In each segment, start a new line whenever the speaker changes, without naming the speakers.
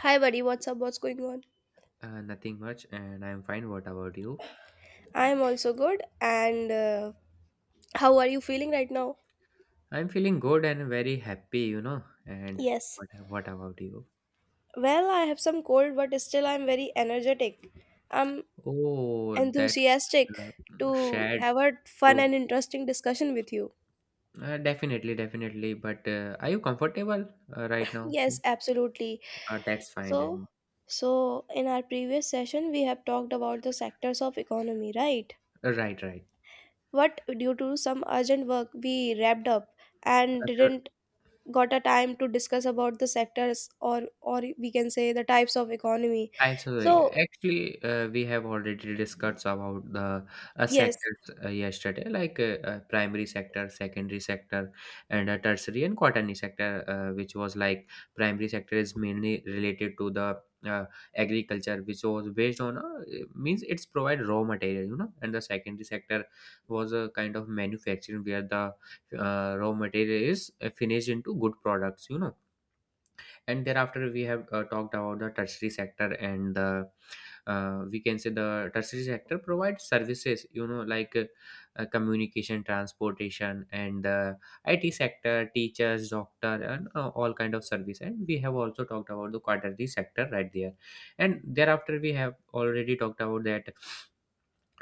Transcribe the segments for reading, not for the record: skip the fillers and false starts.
Hi, buddy. What's up? What's going on?
Nothing much, and I'm fine. What about you?
I'm also good. And How are you feeling right now?
I'm feeling good and very happy, you know. And
Yes.
what what about you?
Well, I have some cold, but still I'm very energetic. I'm
Oh, that's
enthusiastic
uh,
to
shared
have a fun
too.
and interesting discussion with you.
Definitely. But are you comfortable right now?
Yes, absolutely.
That's fine.
So,
And
so in our previous session, we have talked about the sectors of economy, right?
right, right.
But due to some urgent work we wrapped up and
Uh,
didn't got a time to discuss about the sectors or we can say the types of economy
Absolutely.
so
Actually, we have already discussed about the
yes
sectors yesterday, like primary sector, secondary sector, and tertiary and quaternary sector, which was like primary sector is mainly related to the uh, agriculture, which was based on it means it's provide raw material, you know, and the secondary sector was a kind of manufacturing where the raw material is finished into good products, you know. And thereafter, we have talked about the tertiary sector and the we can say the tertiary sector provides services, you know, like communication, transportation, and the IT sector, teachers, doctor, and all kind of service, and we have also talked about the quaternary sector right there. And thereafter, we have already talked about that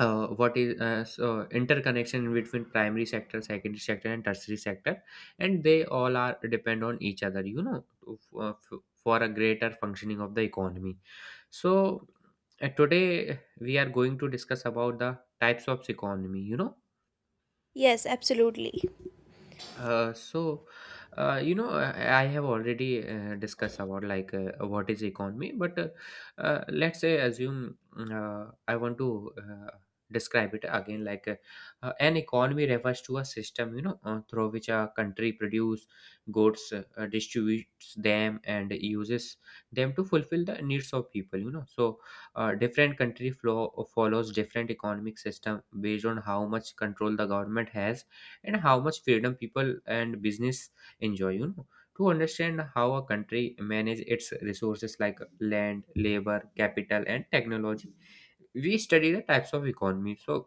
what is so interconnection between primary sector, secondary sector, and tertiary sector, and they all are depend on each other, you know, to, for a greater functioning of the economy. So today we are going to discuss about the types of economy, you know.
yes absolutely
uh, so, you know, I have already discussed about like what is economy, but let's say assume, I want to describe it again. Like an economy refers to a system, you know, through which a country produce goods, distributes them, and uses them to fulfill the needs of people. You know. So different country flow follows different economic system based on how much control the government has and how much freedom people and business enjoy, you know, to understand how a country manages its resources like land, labor, capital, and technology. We study the types of economy. So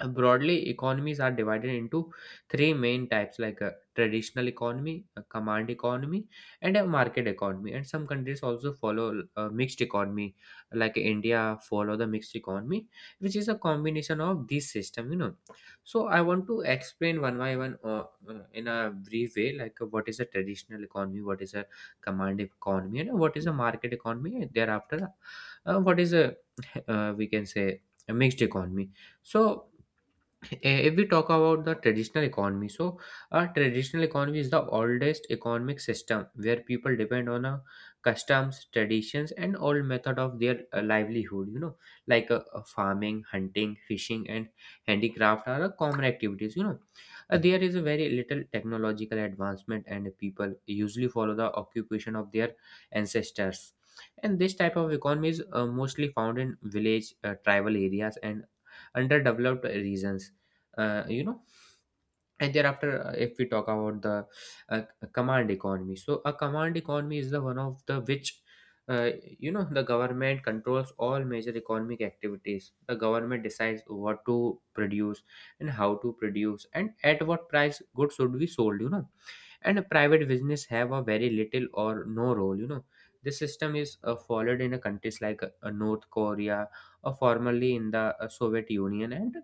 broadly economies are divided into three main types, like a traditional economy, a command economy, and a market economy, and some countries also follow a mixed economy, like india follow the mixed economy, which is a combination of this system, you know. So I want to explain one by one, in a brief way, like what is a traditional economy, what is a command economy, and what is a market economy, and thereafter what is a we can say a mixed economy. So if we talk about the traditional economy, so a traditional economy is the oldest economic system where people depend on a customs, traditions, and old method of their livelihood, you know, like farming, hunting, fishing, and handicraft are common activities, you know. There is a very little technological advancement and people usually follow the occupation of their ancestors, and this type of economy is mostly found in village, tribal areas, and underdeveloped regions, you know. And thereafter, if we talk about the uh, command economy, so a command economy is the one of the which uh, you know, the government controls all major economic activities. The government decides what to produce and how to produce and at what price goods should be sold, you know, and a private business have a very little or no role, you know. This system is followed in a countries like North Korea, or formerly in the Soviet Union, and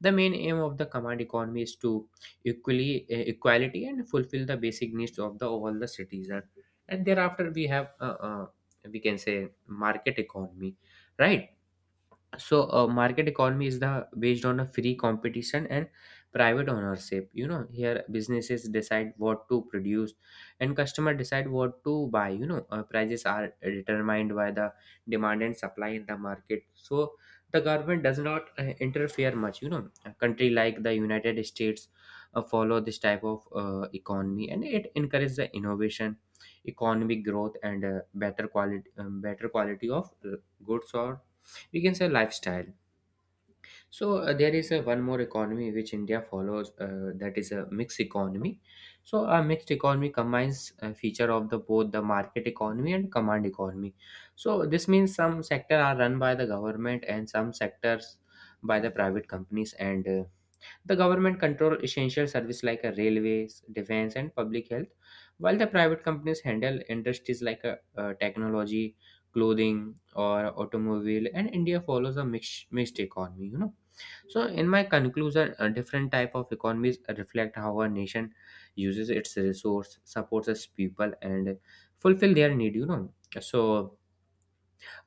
the main aim of the command economy is to equally equality and fulfill the basic needs of the all the citizen. And thereafter, we have we can say market economy, right? So market economy is the based on a free competition and private ownership, you know. Here businesses decide what to produce and customer decide what to buy, you know. Prices are determined by the demand and supply in the market. So the government does not interfere much, you know. A country like the United States follow this type of economy, and it encourages the innovation, economic growth, and better quality, better quality of goods, or we can say lifestyle. So there is a one more economy which India follows, that is a mixed economy. So a mixed economy combines a feature of the both the market economy and command economy. So this means some sector are run by the government and some sectors by the private companies, and the government control essential services like a railways, defense, and public health, while the private companies handle industries like technology, clothing, or automobile. And India follows a mixed economy. You know. So, in my conclusion, a different type of economies reflect how a nation uses its resource, supports its people, and fulfill their need. You know. So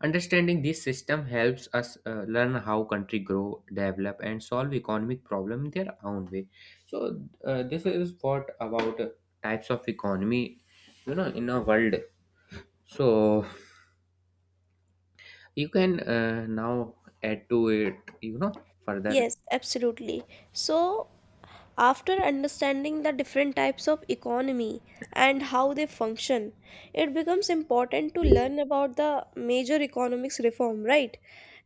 understanding this system helps us learn how country grow, develop, and solve economic problem in their own way. So this is what about types of economy, you know, in a world. So you can now add to it, you know, further.
yes absolutely so after understanding the different types of economy and how they function it becomes important to learn about the major economics reform right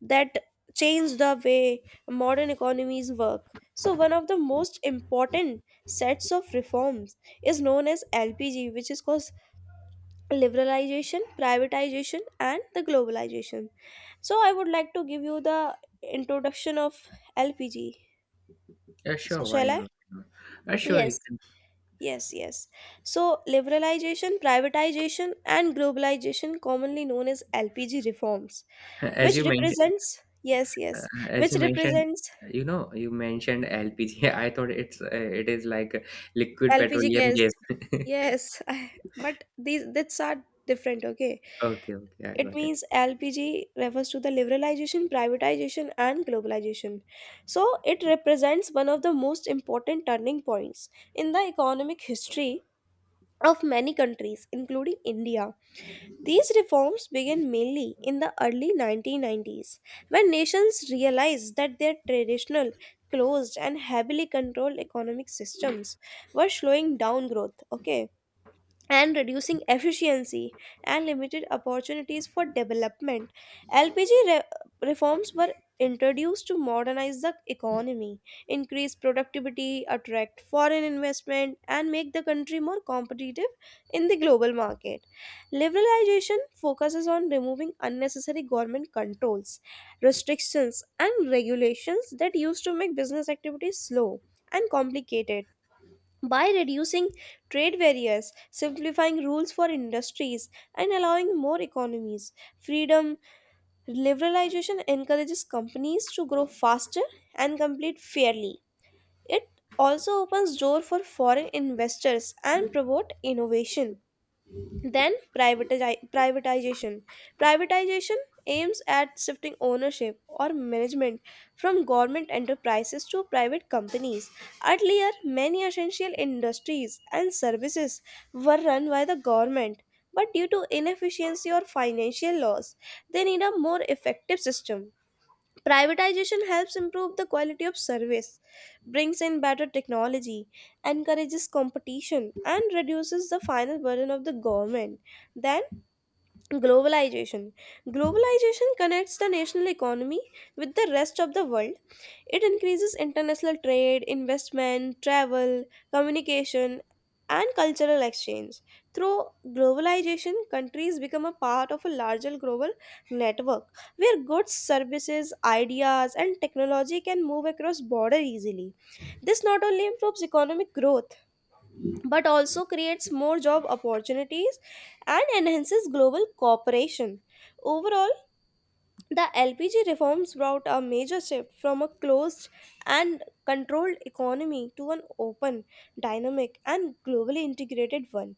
that change the way modern economies work so one of the most important sets of reforms is known as LPG which is called liberalization, privatization, and the globalization. So, I would like to give you the introduction of LPG.
Yeah,
So,
sure. Why
shall I?
not? Sure,
Yes.
you can.
Yes. So, liberalization, privatization, and globalization, commonly known as LPG reforms,
As
which
you mentioned,
represents,
uh, as
which
you mentioned,
represents
you know, you mentioned LPG. I thought it's it is like liquid
LPG
petroleum
gas.
gas.
Yes, but these, that's are different, okay?
Okay, okay, I
It
got it.
means LPG refers to the liberalization, privatization, and globalization. So, it represents one of the most important turning points in the economic history of many countries, including India. These reforms began mainly in the early 1990s when nations realized that their traditional, closed, and heavily controlled economic systems were slowing down growth, okay, and reducing efficiency and limited opportunities for development. LPG re- reforms were introduced to modernize the economy, increase productivity, attract foreign investment, and make the country more competitive in the global market. Liberalization focuses on removing unnecessary government controls, restrictions, and regulations that used to make business activities slow and complicated by reducing trade barriers, simplifying rules for industries, and allowing more economies. Freedom liberalization encourages companies to grow faster and compete fairly. It also opens door for foreign investors and promote innovation. Then privatization. Privatization aims at shifting ownership or management from government enterprises to private companies. Earlier, many essential industries and services were run by the government, but due to inefficiency or financial loss, they need a more effective system. Privatization helps improve the quality of service, brings in better technology, encourages competition, and reduces the final burden of the government. Then, globalization. Globalization connects the national economy with the rest of the world. It increases international trade, investment, travel, communication, and cultural exchange. Through globalization, countries become a part of a larger global network where goods, services, ideas, and technology can move across border easily. This not only improves economic growth but also creates more job opportunities and enhances global cooperation. Overall, the LPG reforms brought a major shift from a closed and controlled economy to an open, dynamic, and globally integrated one.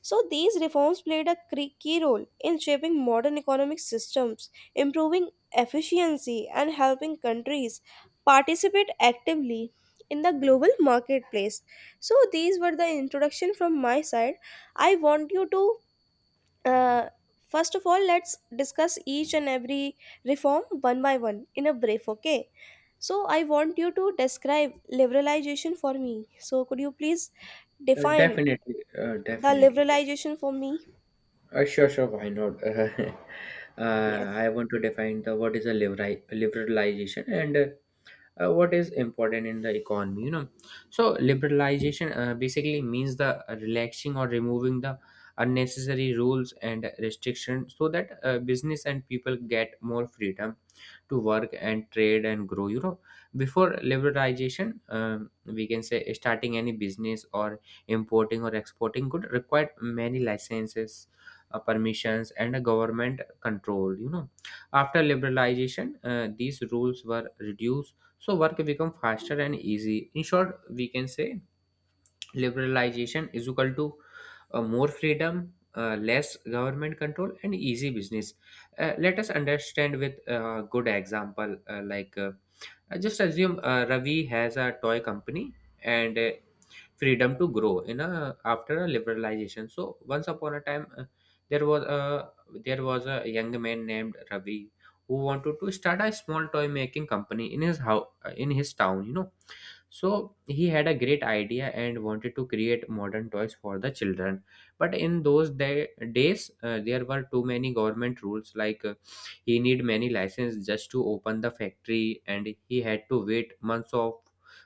So, these reforms played a key role in shaping modern economic systems, improving efficiency, and helping countries participate actively in the global marketplace. So, these were the introduction from my side. I want you to uh, first of all, let's discuss each and every reform one by one in a brief, okay? So, I want you to describe liberalization for me. So, could you please
Uh,
define
definitely, uh,
the
definitely.
liberalization for me?
Sure. Why not?
Yes.
I want to define the what is a liberalization and what is important in the economy, you know. So liberalization basically means the relaxing or removing the unnecessary rules and restrictions so that business and people get more freedom to work and trade and grow, you know. Before liberalization, we can say starting any business or importing or exporting could require many licenses, permissions, and a government control, you know. After liberalization, these rules were reduced, so work become faster and easy. In short, we can say liberalization is equal to more freedom, less government control, and easy business. Let us understand with a good example. Just assume Ravi has a toy company, and freedom to grow in a after a liberalization. So once upon a time, there was a there was a young man named Ravi who wanted to start a small toy making company in his house in his town. You know. So he had a great idea and wanted to create modern toys for the children. But in those days, there were too many government rules, like he need many license just to open the factory, and he had to wait months of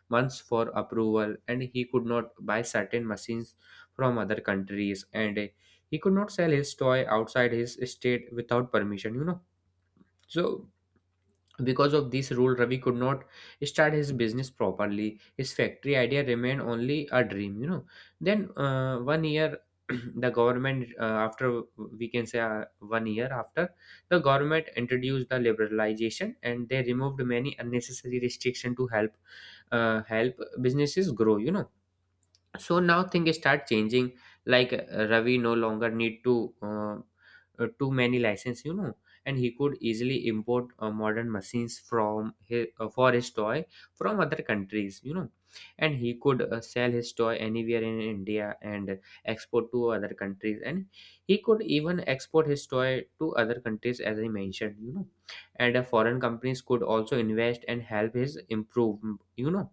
months for approval, and he could not buy certain machines from other countries, and he could not sell his toy outside his state without permission, you know. So because of this rule, Ravi could not start his business properly. His factory idea remained only a dream, you know. Then the government, after we can say one year after, the government introduced the liberalization, and they removed many unnecessary restriction to help help businesses grow, you know. So now things start changing, like Ravi no longer need to too many license, you know, and he could easily import modern machines for his toy from other countries, you know, and he could sell his toy anywhere in India and export to other countries, and he could even export his toy to other countries as I mentioned, you know. And foreign companies could also invest and help his improve, you know.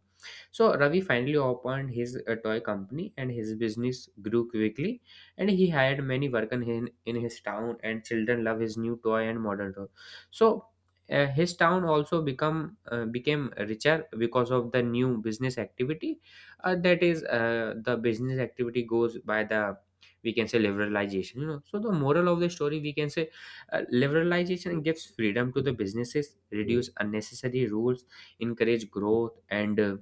So Ravi finally opened his toy company, and his business grew quickly, and he hired many workers in his town, and children love his new toy and modern toy. So his town also become became richer because of the new business activity, that is the business activity goes by the we can say liberalization, you know. So the moral of the story we can say liberalization gives freedom to the businesses, reduce unnecessary rules, encourage growth, and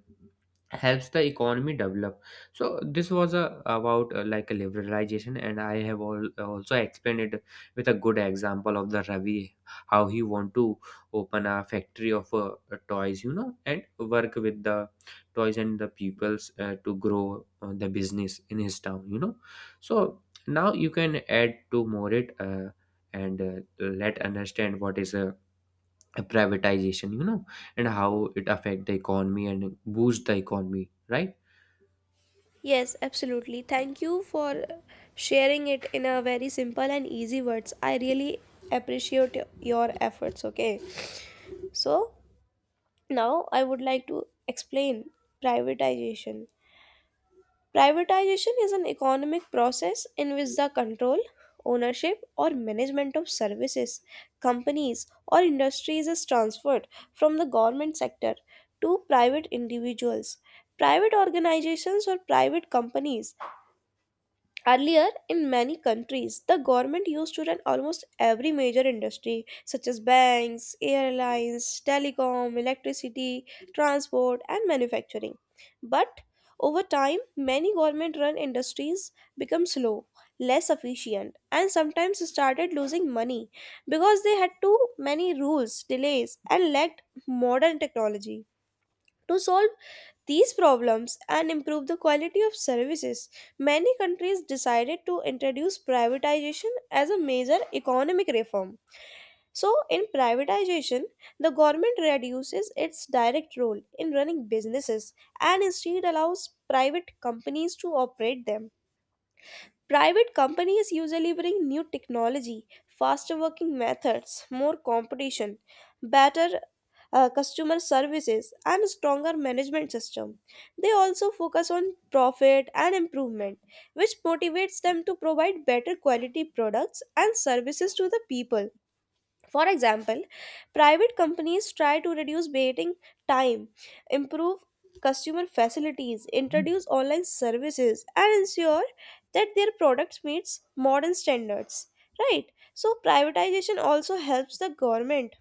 helps the economy develop. So this was a, about like a liberalization, and I have also explained it with a good example of the Ravi, how he want to open a factory of toys, you know, and work with the toys and the peoples to grow the business in his town, you know. So now you can add to more it and let understand what is a privatization, you know, and how it affect the economy and boost the economy, right?
Yes, absolutely. Thank you for sharing it in a very simple and easy words. I really appreciate your efforts, okay? So, now I would like to explain privatization. Privatization is an economic process in which the control, ownership, or management of services, companies, or industries is transferred from the government sector to private individuals. Private organizations or private companies. Earlier, in many countries, the government used to run almost every major industry, such as banks, airlines, telecom, electricity, transport, and manufacturing. But over time, many government run industries become slow, less efficient, and sometimes started losing money because they had too many rules, delays, and lacked modern technology. To solve these problems and improve the quality of services, many countries decided to introduce privatization as a major economic reform. So, in privatization, the government reduces its direct role in running businesses and instead allows private companies to operate them. Private companies usually bring new technology, faster working methods, more competition, better customer services, and stronger management system. They also focus on profit and improvement, which motivates them to provide better quality products and services to the people. For example, private companies try to reduce waiting time, improve customer facilities, introduce online services, and ensure that their products meets modern standards. Right? So privatization also helps the government.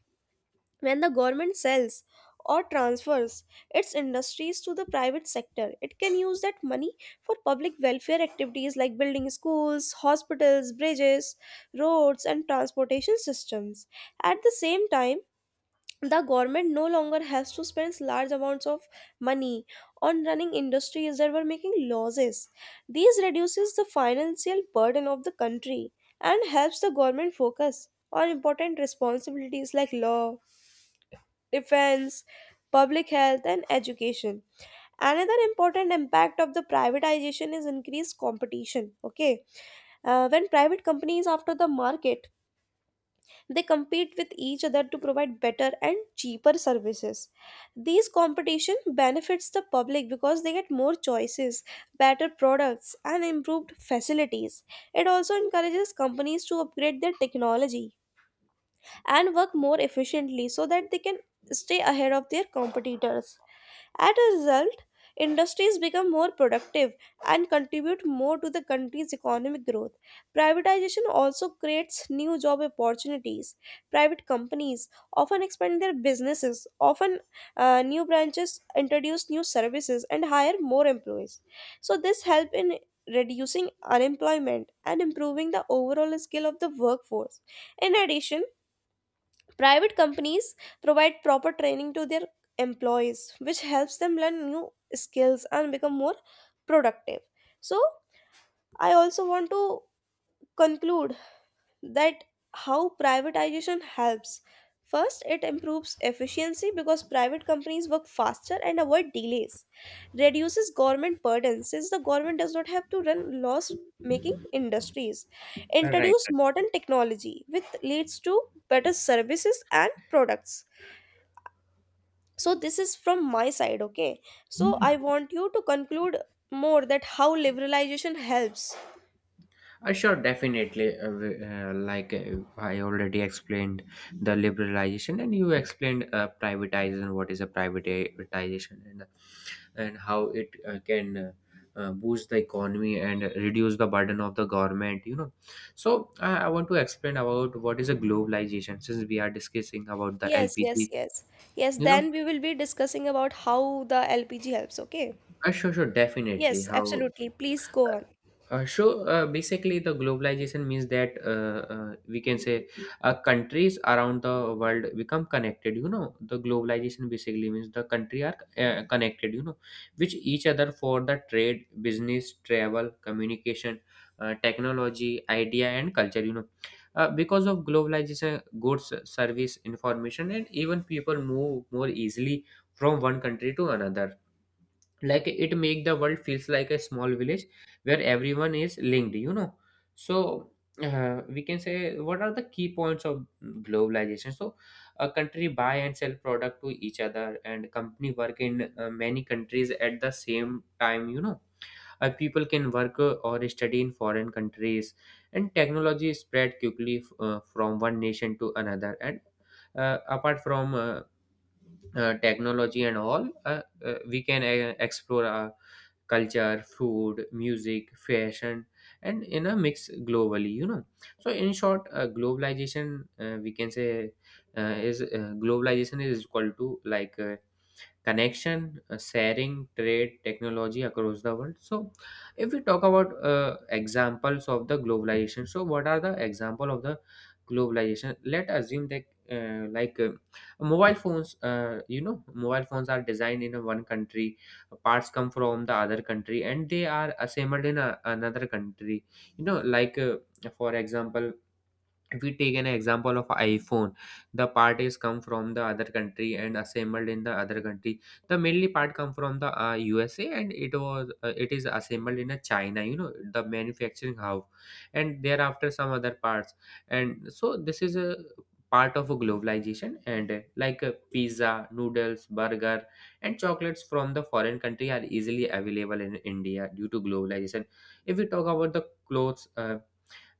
When the government sells or transfers its industries to the private sector, it can use that money for public welfare activities like building schools, hospitals, bridges, roads, and transportation systems. At the same time, the government no longer has to spend large amounts of money on running industries that were making losses. These reduces the financial burden of the country and helps the government focus on important responsibilities like law, defense, public health, and education. Another important impact of the privatization is increased competition. Okay, when private companies after the market, they compete with each other to provide better and cheaper services. These competition benefits the public because they get more choices, better products, and improved facilities. It also encourages companies to upgrade their technology and work more efficiently so that they can stay ahead of their competitors. As a result, industries become more productive and contribute more to the country's economic growth. Privatization also creates new job opportunities. Private companies often expand their businesses, often new branches, introduce new services, and hire more employees. So this help in reducing unemployment and improving the overall skill of the workforce. In addition, private companies provide proper training to their employees, which helps them learn new skills and become more productive. So, I also want to conclude that how privatization helps. First, it improves efficiency because private companies work faster and avoid delays. Reduces government burden since the government does not have to run loss making industries.
Right.
Introduce
Right.
modern technology which leads to better services and products. So this is from my side, okay? So I want you to conclude more that how liberalization helps.
Sure, definitely. I already explained the liberalization, and you explained privatization. What is a privatization, and how it can boost the economy and reduce the burden of the government. So I want to explain about what is a globalization, since we are discussing about the
Yes, yes,
lpg
yes. Yes,
you know
then we will be discussing about how the LPG helps, okay?
Sure, sure, definitely.
Yes,
How?
absolutely, please go on.
Sure. Basically, the globalization means that we can say countries around the world become connected. The globalization basically means the country are connected. Which each other for the trade, business, travel, communication, technology, idea, and culture. Because of globalization, goods, service, information, and even people move more easily from one country to another, like it make the world feels like a small village where everyone is linked. So we can say, what are the key points of globalization? So a country buy and sell product to each other, and company work in many countries at the same time. People can work or study in foreign countries, and technology spread quickly from one nation to another, and apart from technology and all, we can explore our culture, food, music, fashion, and in a mix globally. So in short, globalization, we can say, is globalization is equal to, like, connection, sharing, trade, technology across the world. So, if we talk about examples of the globalization, so what are the example of the globalization? Let assume that, uh, like uh, mobile phones, mobile phones are designed in a one country, parts come from the other country, and they are assembled in another country. You know, like uh, for example, if we take an example of iphone, the part is come from the other country and assembled in the other country. The mainly part come from the USA, and it is assembled in a china, the manufacturing house, and thereafter some other parts. And so this is a part of a globalization. And pizza, noodles, burger, and chocolates from the foreign country are easily available in india due to globalization. If we talk about the clothes,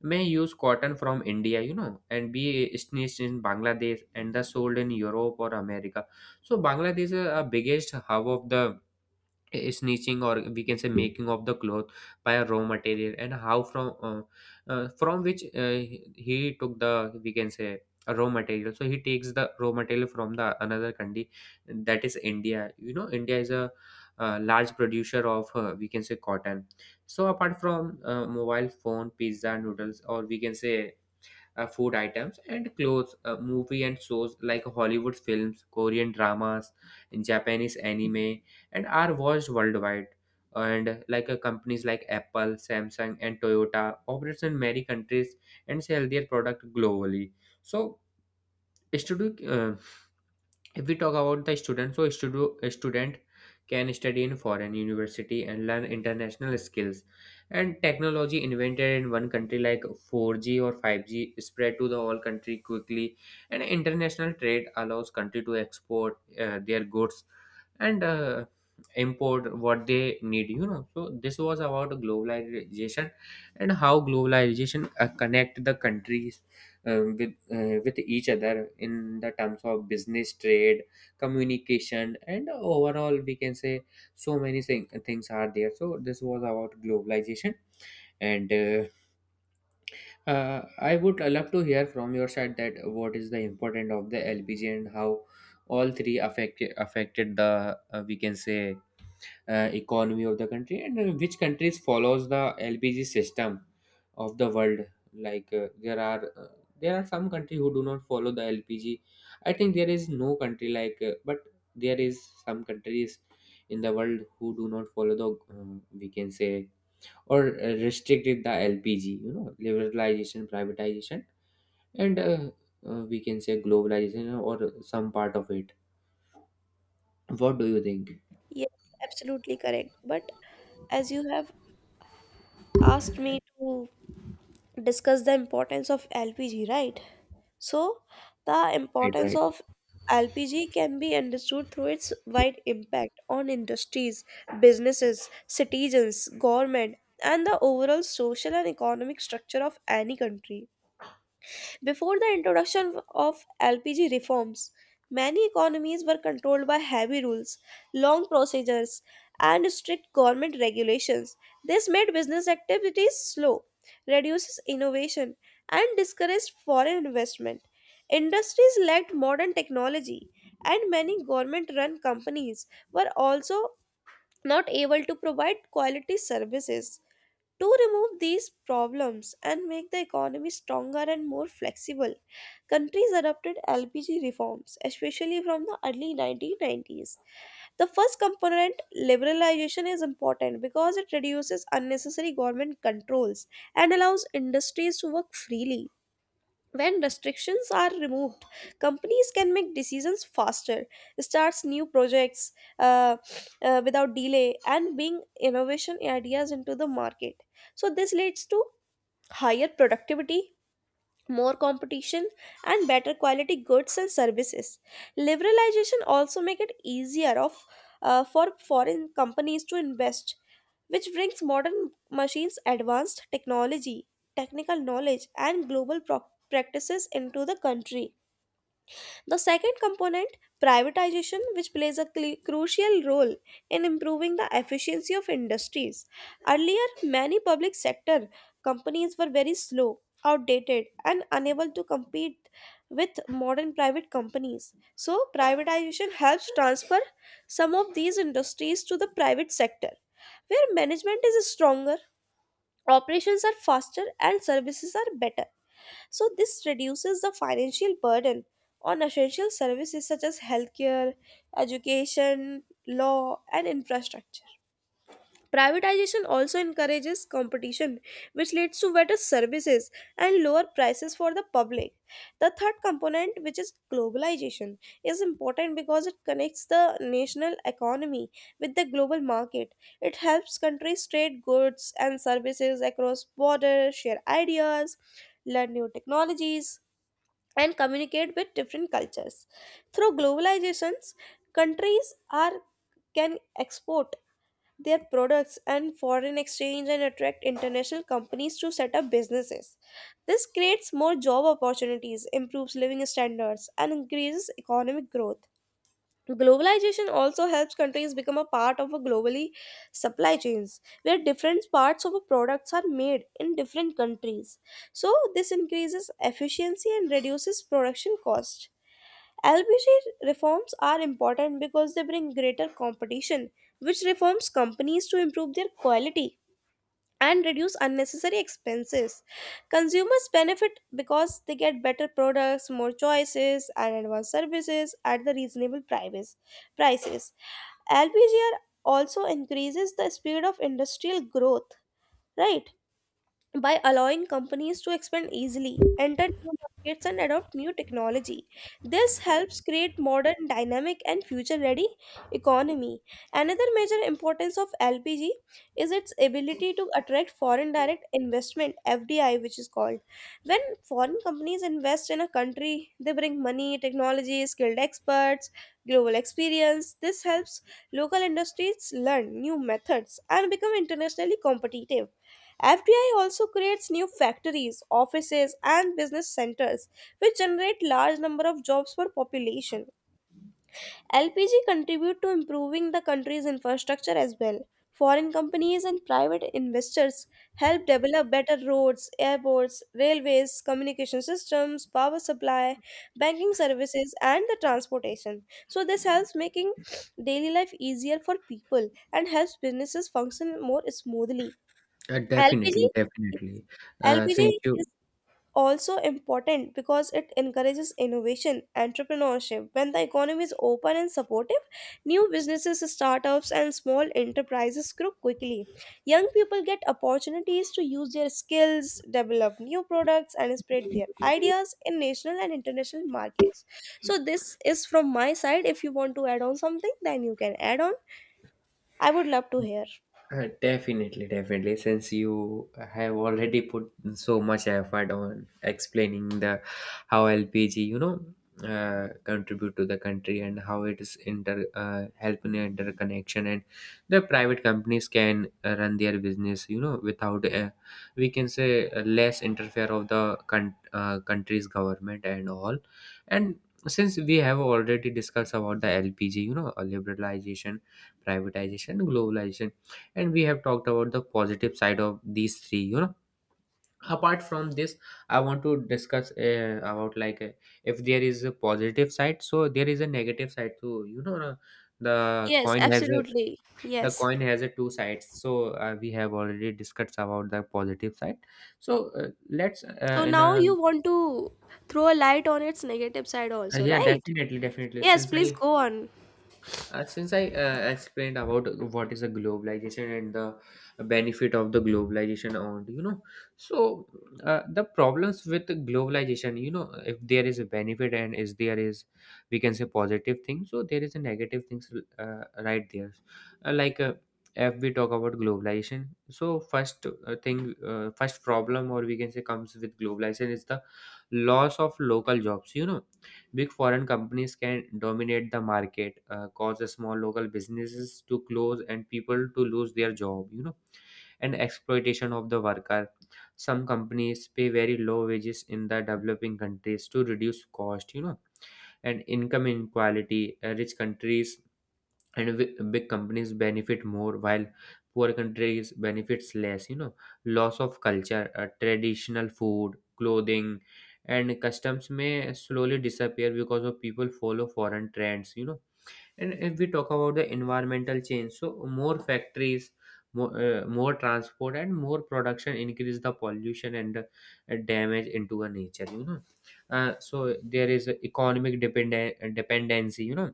may use cotton from India, and be stitched in Bangladesh and the sold in Europe or America. So Bangladesh is a biggest hub of the snitching, or we can say, making of the cloth by a raw material, and how from, from which, he took the, we can say, a raw material, so he takes the raw material from the another country, that is india. India is a large producer of, we can say, cotton. So apart from mobile phone, pizza, noodles, or we can say, food items and clothes, movie and shows like Hollywood films, Korean dramas, Japanese anime, and are watched worldwide. And companies like Apple, Samsung, and Toyota operates in many countries and sell their product globally. So, studio, uh, if we talk about the student, so a student can study in foreign university and learn international skills. And technology invented in one country, like 4G or 5G, spread to the whole country quickly. And international trade allows country to export their goods and import what they need. So this was about globalization, and how globalization connect the countries with each other in the terms of business, trade, communication, and overall, we can say, so many things are there. So this was about globalization. And I would love to hear from your side, that what is the importance of the LPG, and how all three affected the, we can say, economy of the country, and which countries follows the LPG system of the world. There are, there are some country who do not follow the LPG. I think there is no country like, but there is some countries in the world who do not follow the, we can say, or restricted the LPG, liberalization, privatization, and we can say, globalization, or some part of it. What do you think?
Yes, absolutely correct, but as you have asked me to discuss the importance of LPG, right? So, the
Right,
importance
right.
of LPG can be understood through its wide impact on industries, businesses, citizens, government, and the overall social and economic structure of any country. Before the introduction of LPG reforms, many economies were controlled by heavy rules, long procedures, and strict government regulations. This made business activities slow, reduces innovation, and discouraged foreign investment. Industries lacked modern technology, and many government run companies were also not able to provide quality services. To remove these problems and make the economy stronger and more flexible, countries adopted LPG reforms, especially from the early 1990s. The first component, liberalization, is important because it reduces unnecessary government controls and allows industries to work freely. When restrictions are removed, companies can make decisions faster, starts new projects uh, without delay, and bring innovation ideas into the market. So this leads to higher productivity, more competition, and better quality goods and services. Liberalization also make it easier of for foreign companies to invest, which brings modern machines, advanced technology, technical knowledge, and global practices into the country. The second component, privatization, which plays a crucial role in improving the efficiency of industries. Earlier, many public sector companies were very slow, outdated, and unable to compete with modern private companies. So, privatization helps transfer some of these industries to the private sector, where management is stronger, operations are faster, and services are better. So, this reduces the financial burden on essential services such as healthcare, education, law, and infrastructure. Privatization also encourages competition, which leads to better services and lower prices for the public. The third component, which is globalization, is important because it connects the national economy with the global market. It helps countries trade goods and services across borders, share ideas, learn new technologies, and communicate with different cultures. Through globalizations, countries are can export their products and foreign exchange and attract international companies to set up businesses. This creates more job opportunities, improves living standards, and increases economic growth. Globalization also helps countries become a part of a globally supply chains where different parts of a products are made in different countries. So this increases efficiency and reduces production cost. LPG reforms are important because they bring greater competition, which reforms companies to improve their quality and reduce unnecessary expenses. Consumers benefit because they get better products, more choices, and advanced services at the reasonable prices. LPGR also increases the speed of industrial growth, right? By allowing companies to expand easily, enter new markets, and adopt new technology. This helps create modern, dynamic, and future-ready economy. Another major importance of LPG is its ability to attract foreign direct investment (FDI), which is called. When foreign companies invest in a country, they bring money, technology, skilled experts, global experience. This helps local industries learn new methods and become internationally competitive. FDI also creates new factories, offices and business centers which generate large number of jobs for population. LPG contribute to improving the country's infrastructure as well. Foreign companies and private investors help develop better roads, airports, railways, communication systems, power supply, banking services and the transportation. So this helps making daily life easier for people and helps businesses function more smoothly.
Definitely,
LPG
definitely. Since
LPG
you,
is also important because it encourages innovation, entrepreneurship. When the economy is open and supportive, new businesses, startups, and small enterprises grow quickly. Young people get opportunities to use their skills, develop new products, and spread their ideas in national and international markets. So, this is from my side. If you want to add on something, then you can add on. I would love to hear.
Definitely, definitely. Since you have already put so much effort on explaining the how LPG, contribute to the country, and how it is inter help in interconnection, and the private companies can run their business, without, we can say, less interfere of the country's government and all. And since we have already discussed about the LPG, liberalization, privatization, globalization, and we have talked about the positive side of these three. Apart from this, I want to discuss, about, if there is a positive side, so there is a negative side too. The
Yes,
coin has a
absolutely.
the
Yes.
coin has a two sides. So we have already discussed about the positive side. So let's,
So
in
now
a,
you want to throw a light on its negative side also,
yeah,
right?
definitely, definitely.
Yes,
Since I,
please go on.
Since I explained about what is the globalization and the benefit of the globalization on, so the problems with the globalization. If there is a benefit, and is there is, we can say, positive thing, so there is a negative things, right there. uh, like uh, if we talk about globalization, so first, thing first problem, or we can say, comes with globalization is the loss of local jobs. Big foreign companies can dominate the market, cause the small local businesses to close and people to lose their job, and exploitation of the worker. Some companies pay very low wages in the developing countries to reduce cost, and income inequality. Rich countries and big companies benefit more, while poor countries benefits less. Loss of culture. Traditional food, clothing, and customs may slowly disappear because of people follow foreign trends. And if we talk about the environmental change, so more factories, more transport, and more production increase the pollution, and damage into the nature. So there is a economic dependency. you know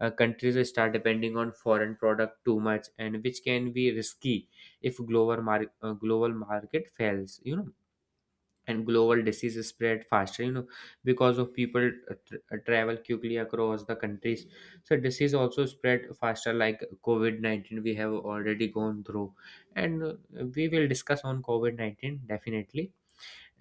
uh, Countries will start depending on foreign product too much, and which can be risky if global market fails. And global disease spread faster because of people tr travel quickly across the countries. So disease also spread faster, like COVID-19 we have already gone through. And we will discuss on COVID-19 definitely.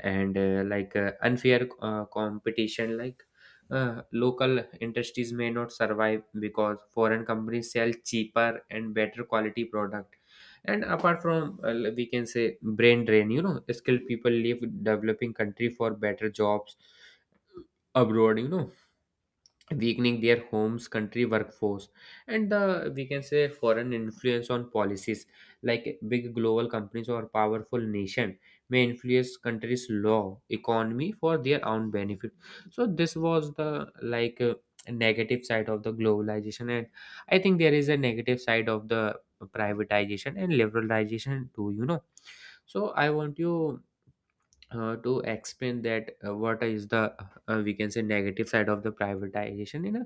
And unfair competition, local industries may not survive because foreign companies sell cheaper and better quality product. And apart from, we can say, brain drain. Skilled people leave developing country for better jobs abroad. Weakening their homes country workforce, and the, we can say, foreign influence on policies, like big global companies or powerful nation may influence countries law economy for their own benefit. So this was the, negative side of the globalization. And I think there is a negative side of the privatization and liberalization too. So I want you to explain that, what is the, we can say, negative side of the privatization, in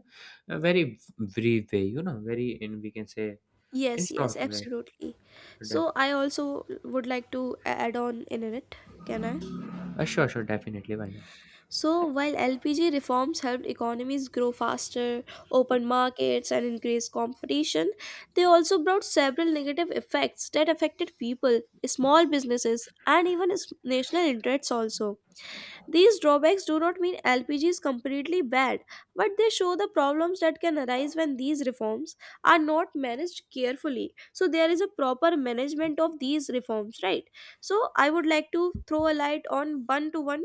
a very brief way, very in, we can say, in
Yes, yes,
short way.
absolutely. So
def-
I also would like to add on in it. Can I?
sure, sure, definitely, why not.
So while LPG reforms helped economies grow faster, open markets, and increase competition, they also brought several negative effects that affected people, small businesses, and even national interests also. These drawbacks do not mean LPG is completely bad, but they show the problems that can arise when these reforms are not managed carefully. So, there is a proper management of these reforms, right? So, I would like to throw a light on one to one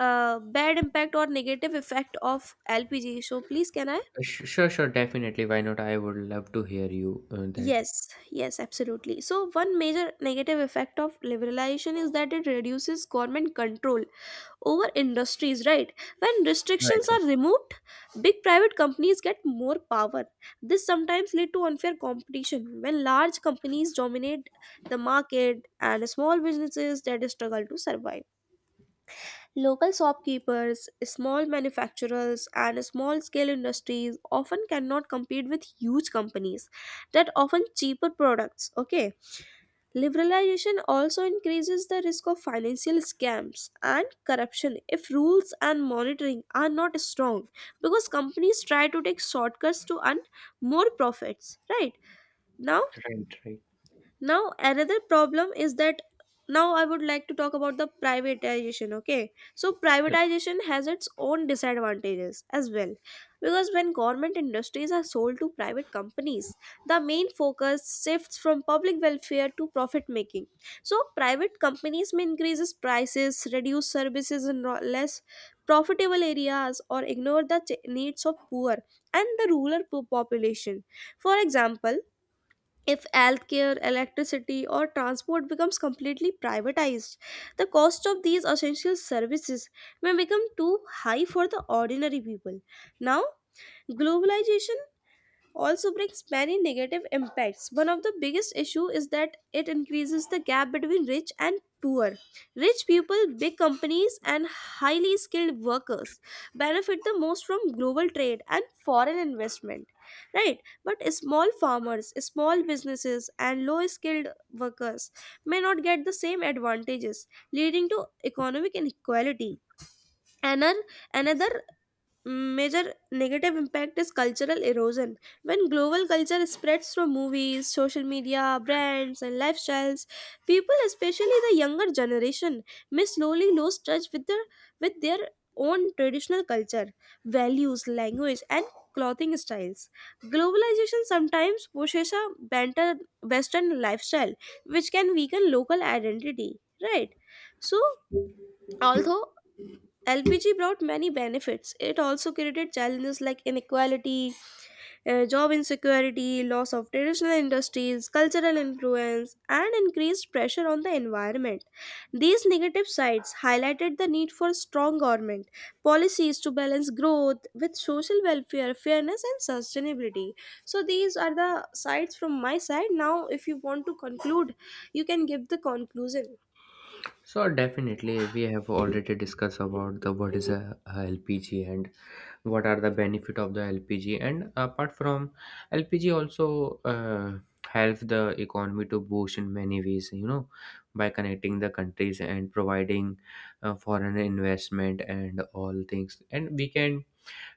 bad impact or negative effect of LPG. So, please, can I?
Sure, sure, definitely, why not. I would love to hear you that.
Yes, yes, absolutely. So, one major negative effect of liberalization is that it reduces government control over industries, right? When restrictions
Right,
are removed, big private companies get more power. This sometimes lead to unfair competition when large companies dominate the market and small businesses that struggle to survive. Local shopkeepers, small manufacturers, and small scale industries often cannot compete with huge companies that often cheaper products. Okay. Liberalization also increases the risk of financial scams and corruption if rules and monitoring are not strong because companies try to take shortcuts to earn more profits, right?
right,
Now,
right, right.
now, another problem is that now I would like to talk about the privatization. Okay, so
Uh,
privatization has its own disadvantages as well because when government industries are sold to private companies, the main focus shifts from public welfare to profit making. So private companies may increase prices, reduce services in less profitable areas or ignore the needs of poor and the rural population. For example, if healthcare, electricity, or transport becomes completely privatized, the cost of these essential services may become too high for the ordinary people. Now, globalization also brings many negative impacts. One of the biggest issue is that it increases the gap between rich and poor. Rich people, big companies and highly skilled workers benefit the most from global trade and foreign investment. Right? But small farmers, small businesses and low skilled workers may not get the same advantages, leading to economic inequality. Another another major negative impact is cultural erosion. When global culture spreads through movies, social media, brands, and lifestyles, people, especially the younger generation, may slowly lose touch with their own traditional culture, values, language, and clothing styles. Globalization sometimes pushes a banter Western lifestyle, which can weaken local identity. Right. So, although LPG brought many benefits. It also created challenges like inequality, job insecurity, loss of traditional industries, cultural influence, and increased pressure on the environment. These negative sides highlighted the need for strong government policies to balance growth with social welfare, fairness, and sustainability. So, these are the sides from my side. Now, if you want to conclude, you can give the conclusion.
so definitely we have already discussed about the what is a LPG, and what are the benefit of the LPG. And apart from LPG, also help the economy to boost in many ways. By connecting the countries and providing foreign investment and all things. And we can,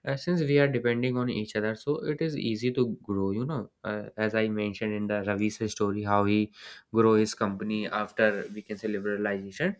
since we are depending on each other, so it is easy to grow. As I mentioned in the ravi's story, how he grow his company after, we can say, liberalization.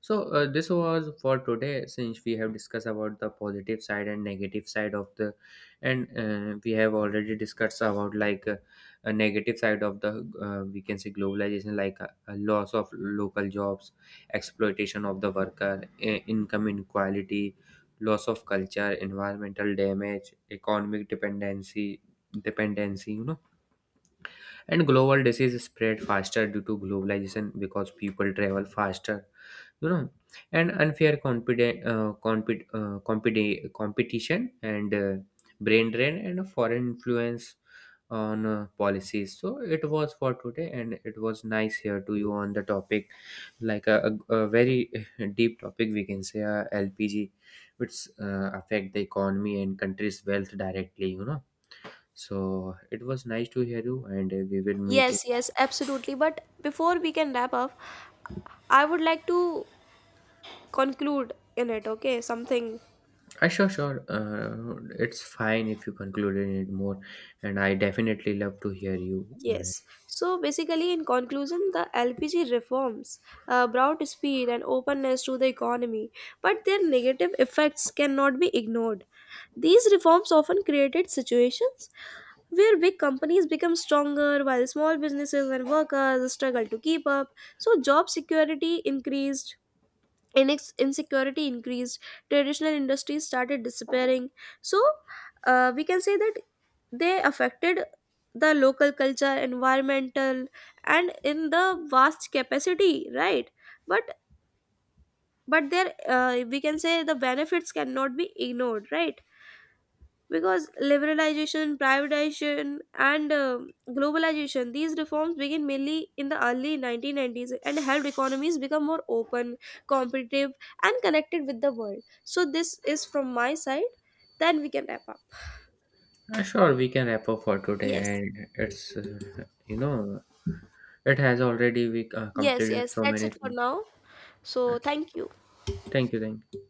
So this was for today, since we have discussed about the positive side and negative side of the. And we have already discussed about, a negative side of the, we can say, globalization, like a loss of local jobs, exploitation of the worker, income inequality, loss of culture, environmental damage, economic dependency. And global disease spread faster due to globalization, because people travel faster. you know and unfair competition, and brain drain, and a foreign influence on policies. So it was for today, and it was nice here to you on the topic, like a very deep topic, we can say, LPG, which affect the economy and country's wealth directly. So it was nice to hear you, and we will meet.
Yes, yes, absolutely. But before we can wrap up, I would like to conclude in it, okay? Something.
Sure, sure. It's fine if you conclude in it more, and I definitely love to hear you on it.
Yes. So basically, in conclusion, the LPG reforms brought speed and openness to the economy, but their negative effects cannot be ignored. These reforms often created situations where big companies become stronger while small businesses and workers struggle to keep up. So, job security increased, insecurity increased, traditional industries started disappearing. So we can say that they affected the local culture, environmental, and in the vast capacity, right? But but there, we can say, the benefits cannot be ignored, right? Because liberalization, privatization, and globalization, these reforms began mainly in the early 1990s and helped economies become more open, competitive, and connected with the world. So this is from my side, then we can wrap up.
Sure, we can wrap up for today,
yes
and it's you know it has already we
yes
completed
yes
so
That's
many
it for
things.
now. So thank you.
Thank you, thank you.